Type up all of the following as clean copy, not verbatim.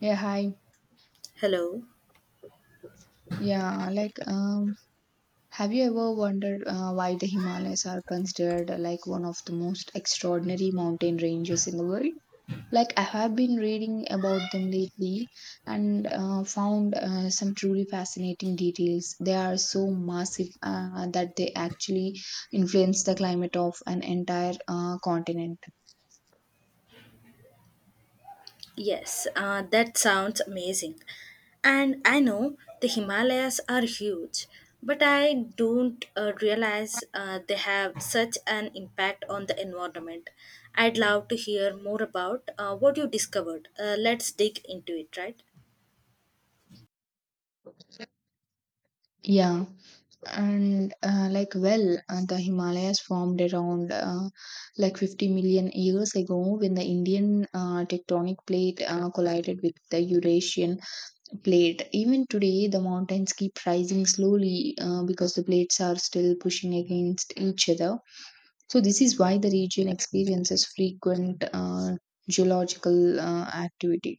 Yeah, hi. Hello. Yeah, like, um, have you ever wondered why the Himalayas are considered like one of the most extraordinary mountain ranges in the world? Like, I have been reading about them lately and found some truly fascinating details. They are so massive that they actually influence the climate of an entire continent. Yes, that sounds amazing. And I know the Himalayas are huge, but I don't realize they have such an impact on the environment. I'd love to hear more about what you discovered. Let's dig into it, right? Yeah. and like well The himalayas formed around like 50 million years ago when the indian tectonic plate collided with the eurasian plate. Even today the mountains keep rising slowly because the plates are still pushing against each other, so this is why the region experiences frequent geological activity.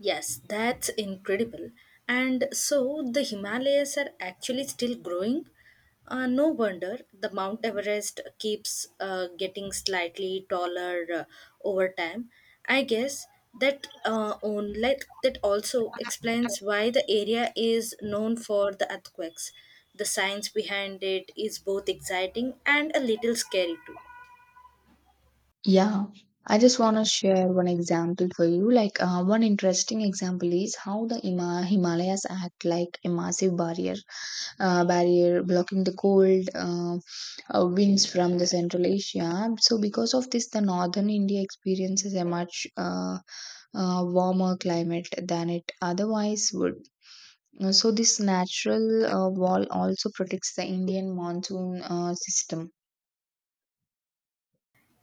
Yes, that's incredible. And so the Himalayas are actually still growing. No wonder the Mount Everest keeps getting slightly taller over time. I guess that on like that also explains why the area is known for the earthquakes. The science behind it is both exciting and a little scary too. Yeah, I just want to share one example for you. One interesting example is how the Himalayas act like a massive barrier, blocking the cold winds from the Central Asia. So, because of this, the northern India experiences a much warmer climate than it otherwise would. So, this natural wall also protects the Indian monsoon system.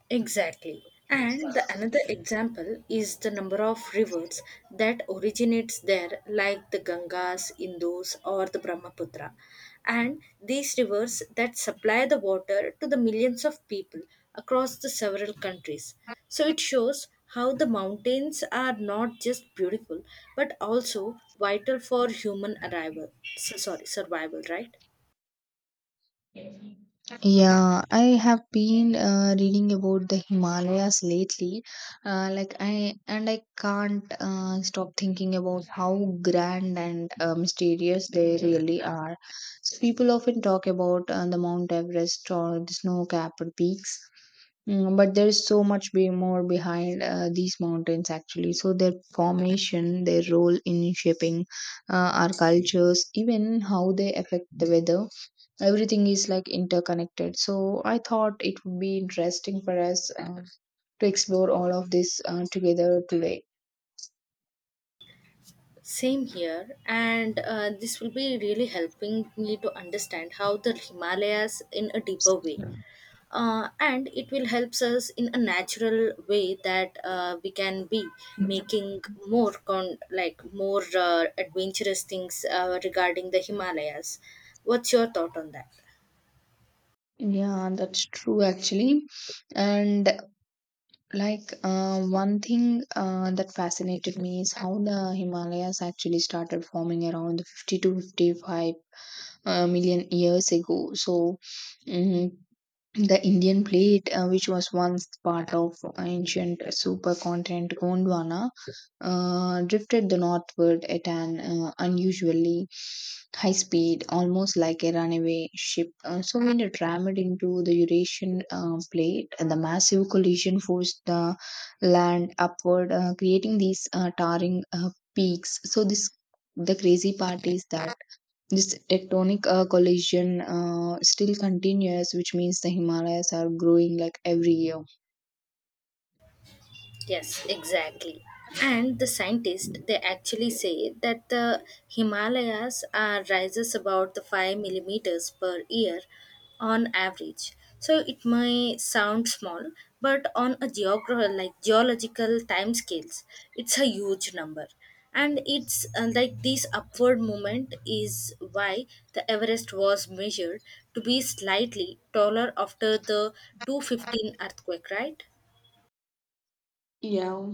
Exactly. And the another example is the number of rivers that originates there like the Gangas, Indus or the Brahmaputra. And these rivers that supply the water to the millions of people across the several countries. So it shows how the mountains are not just beautiful but also vital for human arrival. So sorry, survival, right? Yeah, I have been reading about the Himalayas lately. I can't stop thinking about how grand and mysterious they really are. So people often talk about the Mount Everest or the snow-capped peaks, but there is so much be more behind these mountains actually. So their formation, their role in shaping our cultures, even how they affect the weather, everything is like interconnected, so I thought it would be interesting for us to explore all of this together today. Same here, and this will be really helping me to understand how the Himalayas in a deeper way. And it will helps us in a natural way that we can be making more con like more adventurous things regarding the Himalayas. What's your thought on that? Yeah, that's true actually. And one thing that fascinated me is how the himalayas actually started forming around 50 to 55 million years ago. So mm, the indian plate which was once part of ancient supercontinent gondwana drifted the northward at an unusually high speed, almost like a runaway ship. So when it rammed into the Eurasian plate, the massive collision forced the land upward, creating these towering peaks. So this The crazy part is that this tectonic collision still continues, which means the Himalayas are growing like every year. Yes, exactly. And the scientists they actually say that the Himalayas are rises about the 5 millimeters per year on average. So it may sound small, but on a like geological time scales, it's a huge number. And it's like this upward movement is why the Everest was measured to be slightly taller after the 215 earthquake, right? Yeah,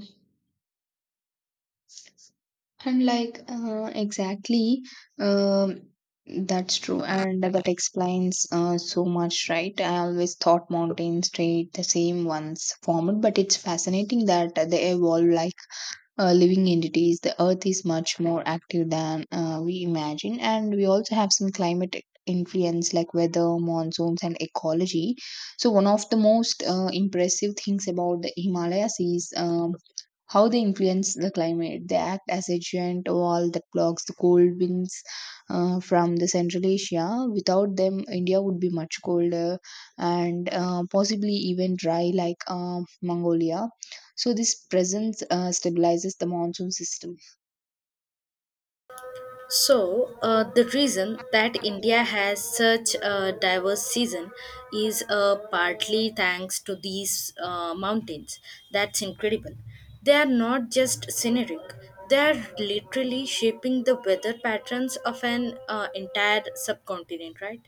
And like exactly, um, that's true, and that explains so much, right? I always thought mountains stayed the same ones formed, but it's fascinating that they evolve like living entities. The Earth is much more active than we imagine, and we also have some climate influence like weather, monsoons, and ecology. So one of the most impressive things about the Himalayas is how they influence the climate. They act as a giant wall that blocks the cold winds from the Central Asia. Without them, India would be much colder and possibly even dry like Mongolia. So this presence stabilizes the monsoon system. So, the reason that India has such a diverse season is partly thanks to these mountains. That's incredible. They are not just scenic, they are literally shaping the weather patterns of an entire subcontinent, right?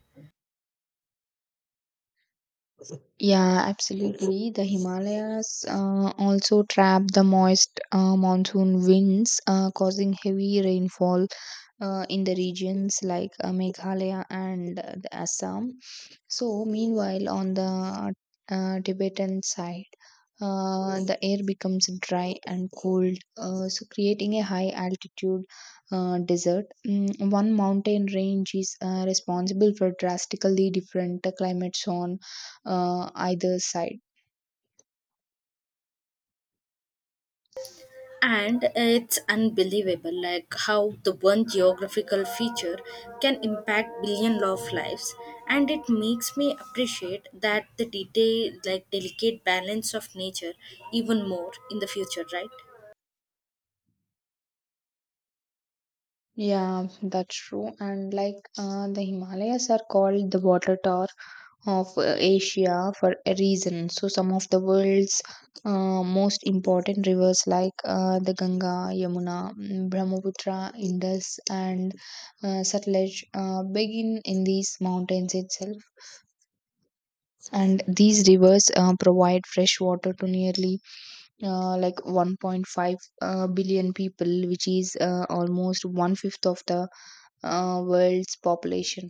Yeah, absolutely. The Himalayas also trap the moist monsoon winds, causing heavy rainfall in the regions like Meghalaya and the Assam. So, meanwhile, on the Tibetan side, the air becomes dry and cold, so creating a high altitude desert. One mountain range is responsible for drastically different climates on either side. And it's unbelievable like how the one geographical feature can impact billion of lives, and it makes me appreciate that the detail like delicate balance of nature even more in the future, right? Yeah, that's true. And the Himalayas are called the water tower of Asia for a reason. So, some of the world's most important rivers like the Ganga, Yamuna, Brahmaputra, Indus, and Satluj begin in these mountains itself. And these rivers provide fresh water to nearly like 1.5 billion people, which is almost one fifth of the world's population.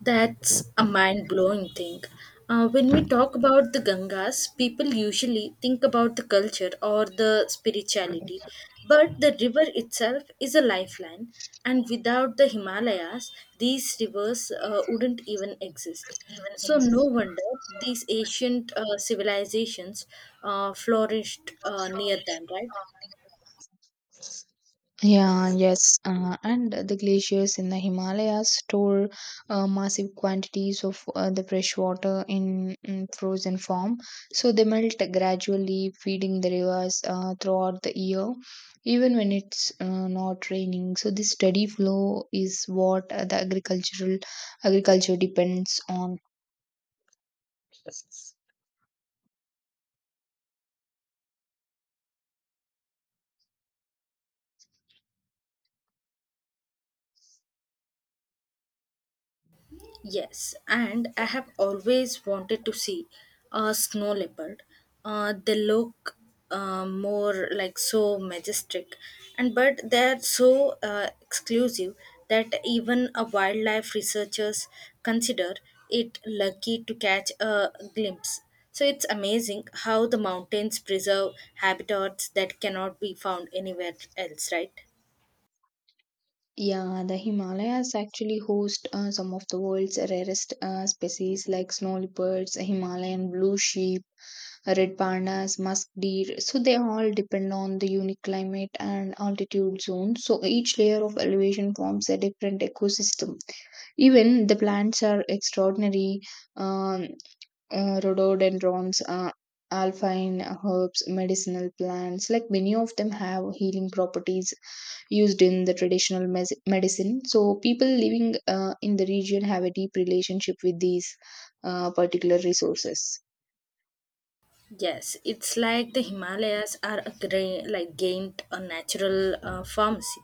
That's a mind blowing thing. When we talk about the Gangas, people usually think about the culture or the spirituality. But the river itself is a lifeline, and without the Himalayas, these rivers wouldn't even exist. So, no wonder these ancient civilizations flourished near them, right? Yeah, yes, and the glaciers in the Himalayas store massive quantities of the fresh water in frozen form. So they melt gradually, feeding the rivers throughout the year, even when it's not raining. So this steady flow is what the agricultural agriculture depends on. Yes, and I have always wanted to see a snow leopard. They look more like so majestic, and but they are so exclusive that even a wildlife researchers consider it lucky to catch a glimpse. So it's amazing how the mountains preserve habitats that cannot be found anywhere else, right? Yeah, the Himalayas actually host some of the world's rarest species like snow leopards, Himalayan blue sheep, red pandas, musk deer. So they all depend on the unique climate and altitude zone. So each layer of elevation forms a different ecosystem. Even the plants are extraordinary. Um, Rhododendrons, alpine herbs, medicinal plants, like many of them have healing properties used in the traditional medicine. So people living in the region have a deep relationship with these particular resources. Yes, it's like the Himalayas are a like gained a natural pharmacy,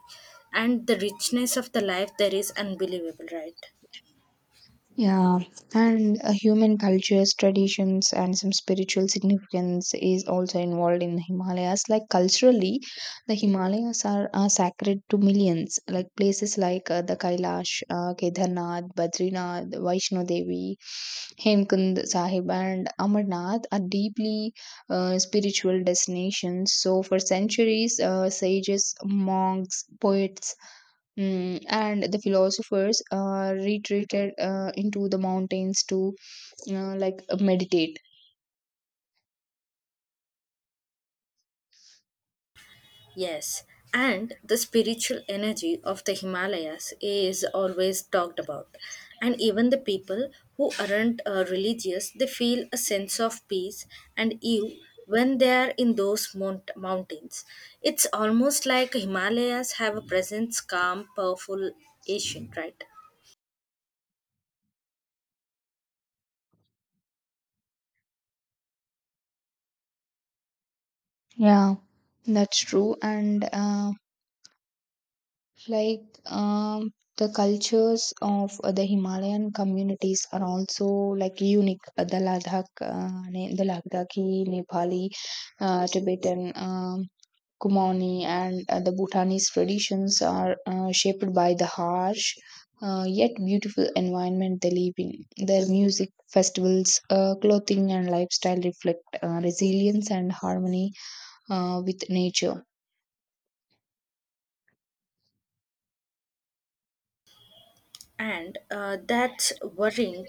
and the richness of the life there is unbelievable, right? Yeah, and human cultures, traditions, and some spiritual significance is also involved in the Himalayas. Like culturally, the Himalayas are sacred to millions. Like places like the Kailash, Kedarnath, Badrinath, Vaishno Devi, Hemkund Sahib, and Amarnath are deeply spiritual destinations. So, for centuries, sages, monks, poets, and the philosophers retreated into the mountains to meditate. Yes, and the spiritual energy of the Himalayas is always talked about, and even the people who aren't religious they feel a sense of peace and you when they are in those mountains. It's almost like Himalayas have a presence, calm, powerful, ancient, right? Yeah, that's true. And like The cultures of the Himalayan communities are also like unique. The Ladakhi, Nepali, Tibetan, Kumoni, and the Bhutanese traditions are shaped by the harsh yet beautiful environment they live in. Their music, festivals, clothing, and lifestyle reflect resilience and harmony with nature. And that worrying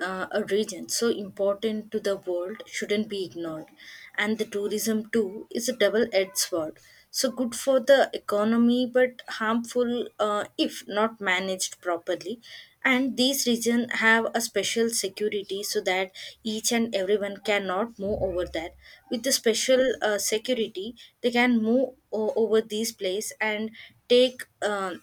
a region so important to the world shouldn't be ignored. And the tourism too is a double-edged sword. So good for the economy, but harmful if not managed properly. And these regions have a special security so that each and everyone cannot move over there. With the special security, they can move over these place and take.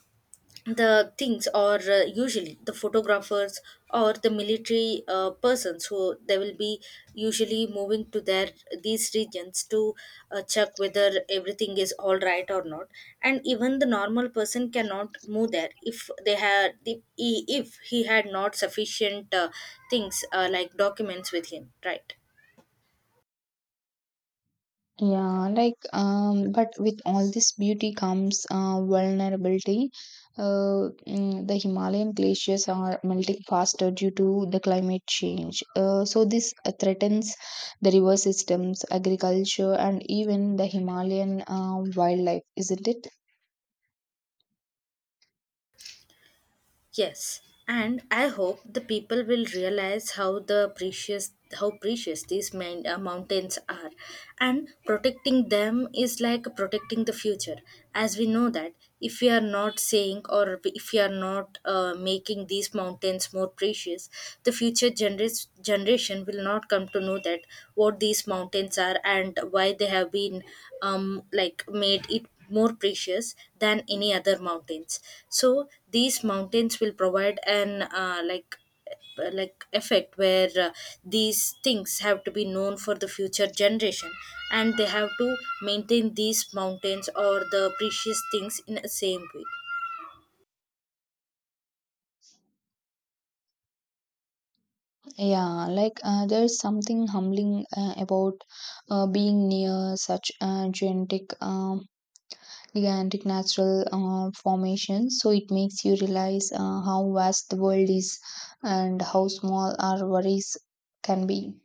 The things or usually the photographers or the military persons who they will be usually moving to their these regions to check whether everything is all right or not, and even the normal person cannot move there if he had not sufficient things like documents with him, right? Yeah, but with all this beauty comes vulnerability. The Himalayan glaciers are melting faster due to the climate change. So this threatens the river systems, agriculture, and even the Himalayan wildlife, isn't it? Yes, and I hope the people will realize how precious these mountains are, and protecting them is like protecting the future, as we know that if we are not saying or if we are not making these mountains more precious the future generis generation will not come to know that what these mountains are and why they have been like made it more precious than any other mountains. So these mountains will provide an like effect where these things have to be known for the future generation, and they have to maintain these mountains or the precious things in a same way. Yeah, there's something humbling about being near such gigantic natural formations. So it makes you realize how vast the world is and how small our worries can be.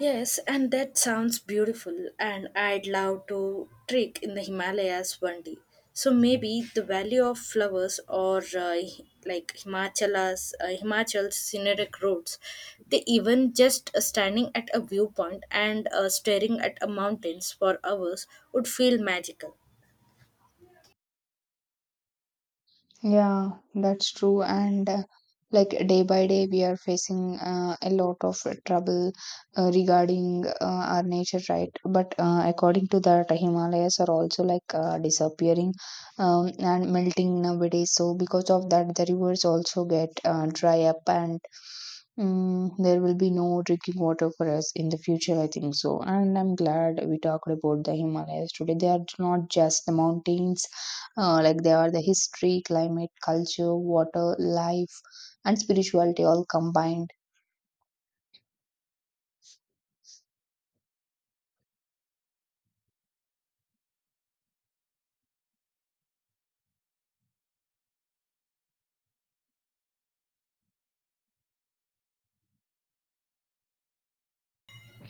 Yes, and that sounds beautiful, and I'd love to trek in the Himalayas one day. So maybe the Valley of Flowers or like Himachala's Himachal's scenic roads. They even just standing at a viewpoint and staring at a mountains for hours would feel magical. Yeah, that's true. And like Day by day, we are facing a lot of trouble regarding our nature, right? But according to that, Himalayas are also like disappearing and melting nowadays. So because of that, the rivers also get dry up, and there will be no drinking water for us in the future. I think so. And I'm glad we talked about the Himalayas today. They are not just the mountains, they are the history, climate, culture, water, life, and spirituality all combined.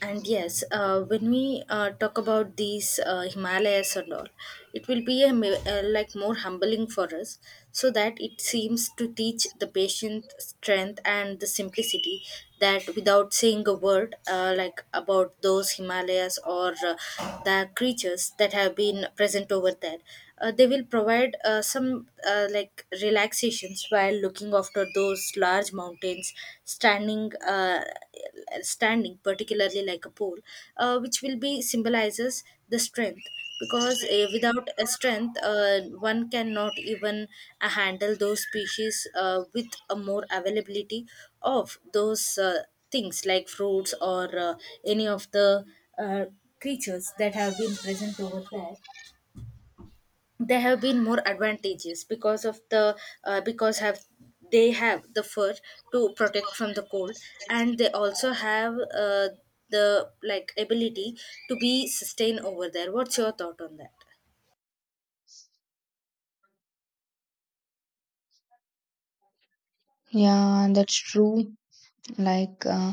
And yes, when we talk about these Himalayas and all, it will be a, like more humbling for us, so that it seems to teach the patient strength and the simplicity that without saying a word, like about those Himalayas or the creatures that have been present over there they will provide some like relaxations while looking after those large mountains standing uh, standing particularly like a pole which will be symbolizes the strength because without a strength one cannot even handle those species with a more availability of those things like fruits or any of the uh, creatures that have been present over there there have been more advantages because of the because have they have the fur to protect from the cold, and they also have the like ability to be sustained over there. What's your thought on that? Yeah, that's true. like uh,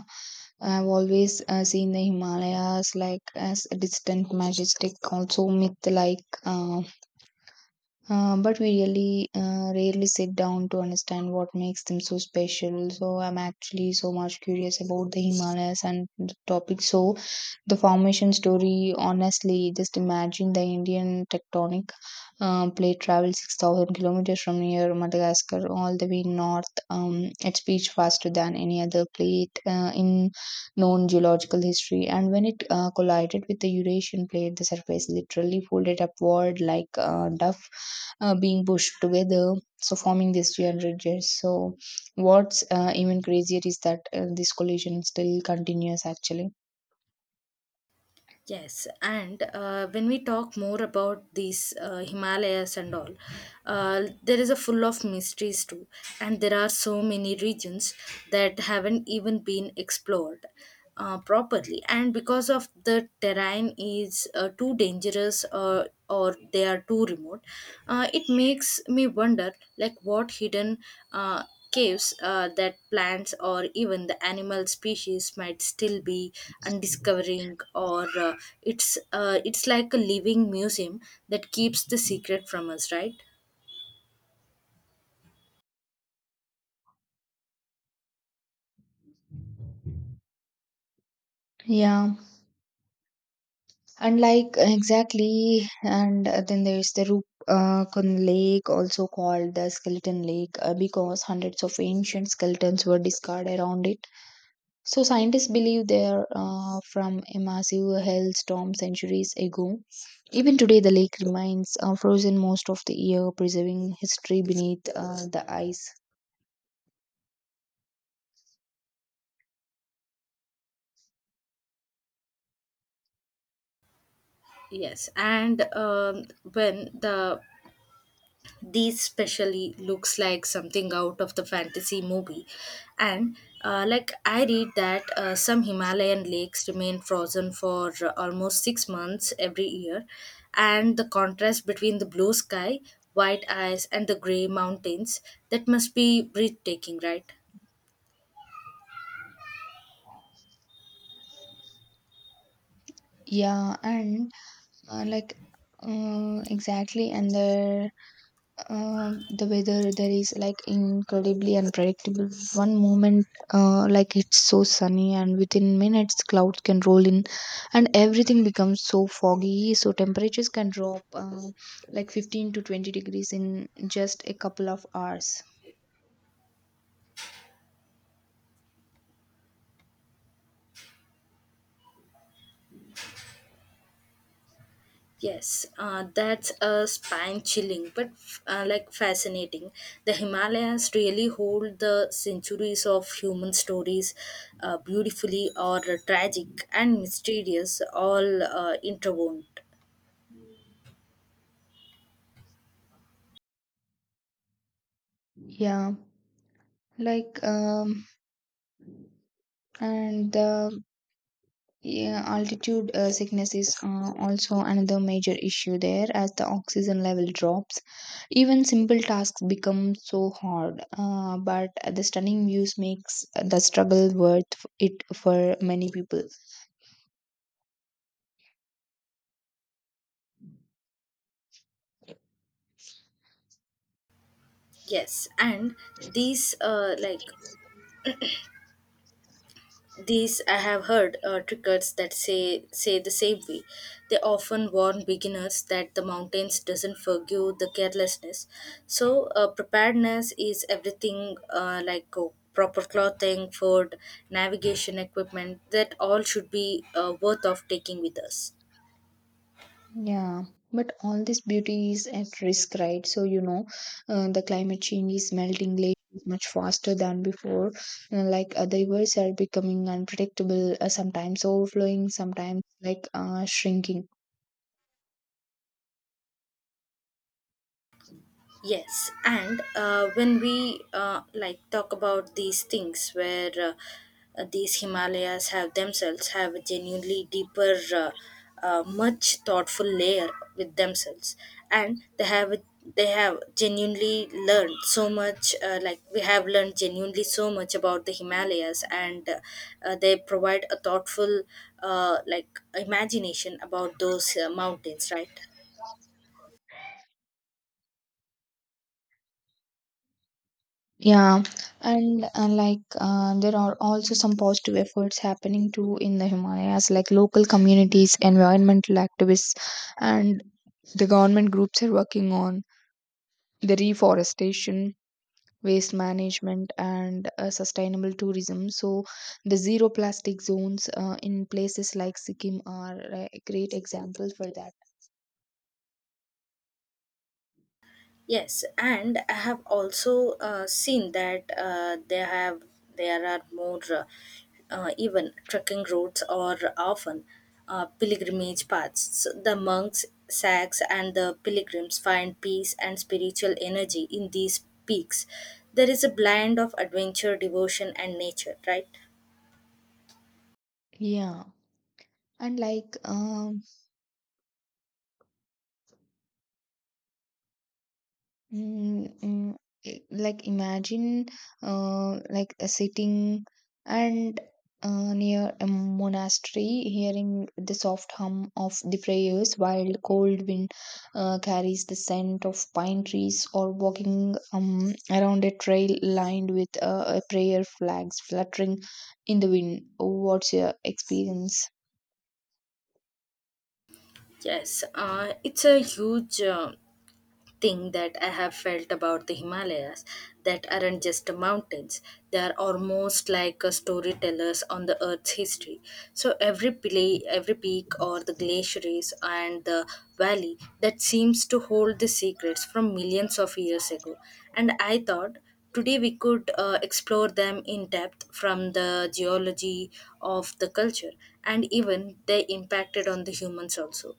I've always seen the himalayas like as a distant majestic also myth, but we really rarely sit down to understand what makes them so special. So I'm actually so much curious about the Himalayas and the topic. So the formation story, honestly, just imagine the Indian tectonic plate travels 6,000 kilometers from near Madagascar all the way north. It speeds faster than any other plate in known geological history. And when it collided with the Eurasian plate, the surface literally folded upward like a duff being pushed together, so forming these 300 years. So what's even crazier is that this collision still continues actually. Yes, and when we talk more about these Himalayas and all, there is a full of mysteries too, and there are so many regions that haven't even been explored properly. And because of the terrain is too dangerous or they are too remote, it makes me wonder like what hidden uh, caves that plants or even the animal species might still be undiscovering or it's like a living museum that keeps the secret from us, right? Yeah, and like exactly. And then there's the Rup Lake, also called the Skeleton Lake, because hundreds of ancient skeletons were discarded around it. So scientists believe they are from a massive hailstorm centuries ago. Even today, the lake remains frozen most of the year, preserving history beneath the ice. Yes, and when the these specially looks like something out of the fantasy movie, and like I read that some Himalayan lakes remain frozen for almost 6 months every year, and the contrast between the blue sky, white ice, and the gray mountains that must be breathtaking, right? Yeah, and like exactly. and the The weather there is like incredibly unpredictable. One moment it's so sunny, and within minutes clouds can roll in and everything becomes so foggy, so temperatures can drop like 15 to 20 degrees in just a couple of hours. Yes, that's a spine chilling but like fascinating. The Himalayas really hold the centuries of human stories beautifully or tragic and mysterious, all interwoven. Yeah like um and the Yeah, altitude sickness is also another major issue there as the oxygen level drops. Even simple tasks become so hard, but the stunning views makes the struggle worth it for many people. Yes, and these uh, like these I have heard are trickers that say the same way. They often warn beginners that the mountains doesn't forgive the carelessness. So preparedness is everything like proper clothing, food, navigation equipment that all should be worth of taking with us. Yeah, but all this beauty is at risk, right? So, the climate change is melting glaciers much faster than before. The rivers are becoming unpredictable, sometimes overflowing, sometimes shrinking. Yes, and when we like talk about these things where these Himalayas have themselves have a genuinely deeper, much thoughtful layer with themselves, and they have genuinely learned so much. Like we have learned genuinely so much about the Himalayas, and they provide a thoughtful like imagination about those mountains, right? Yeah, and there are also some positive efforts happening too in the Himalayas, like local communities, environmental activists, and the government groups are working on the reforestation, waste management, and sustainable tourism. So, the zero plastic zones in places like Sikkim are a great example for that. Yes, and I have also seen that there are more even trekking routes or often pilgrimage paths. So the monks, sags, and the pilgrims find peace and spiritual energy in these peaks. There is a blend of adventure, devotion, and nature, right? Yeah, and like Mm, mm, I- like imagine like a sitting and near a monastery, hearing the soft hum of the prayers while the cold wind carries the scent of pine trees, or walking around a trail lined with a prayer flags fluttering in the wind. What's your experience? Yes, it's a huge thing that I have felt about the Himalayas that aren't just mountains, they are almost like a storytellers on the earth's history. So every every peak or the glaciers and the valley that seems to hold the secrets from millions of years ago. And I thought today we could explore them in depth from the geology of the culture and even they impacted on the humans also.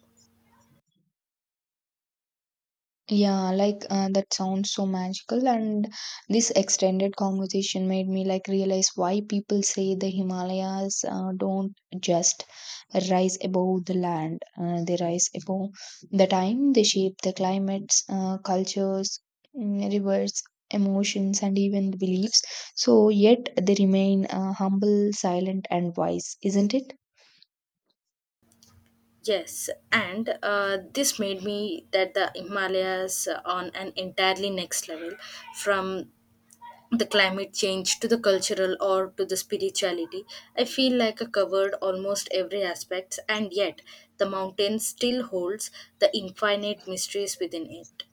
Yeah, that sounds so magical. And this extended conversation made me like realize why people say the Himalayas don't just rise above the land, they rise above the time. They shape the climates, cultures, rivers, emotions, and even beliefs. So, yet they remain humble, silent, and wise, isn't it? Yes, and this made me that the Himalayas on an entirely next level from the climate change to the cultural or to the spirituality. I feel like I covered almost every aspect, and yet the mountain still holds the infinite mysteries within it.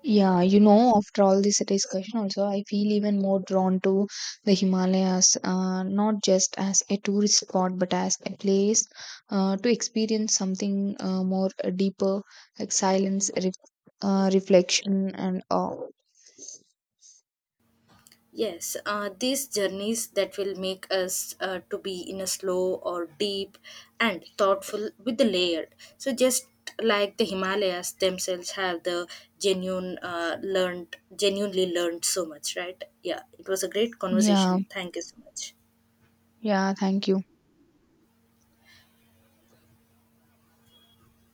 Yeah, you know, after all this discussion, also, I feel even more drawn to the Himalayas, not just as a tourist spot, but as a place to experience something more deeper, like silence, reflection, and all. Yes, these journeys that will make us to be in a slow or deep and thoughtful with the layered. So just like the Himalayas themselves have the genuinely learned so much, right? Yeah, it was a great Yeah, conversation. Thank you so much. yeah, thank you.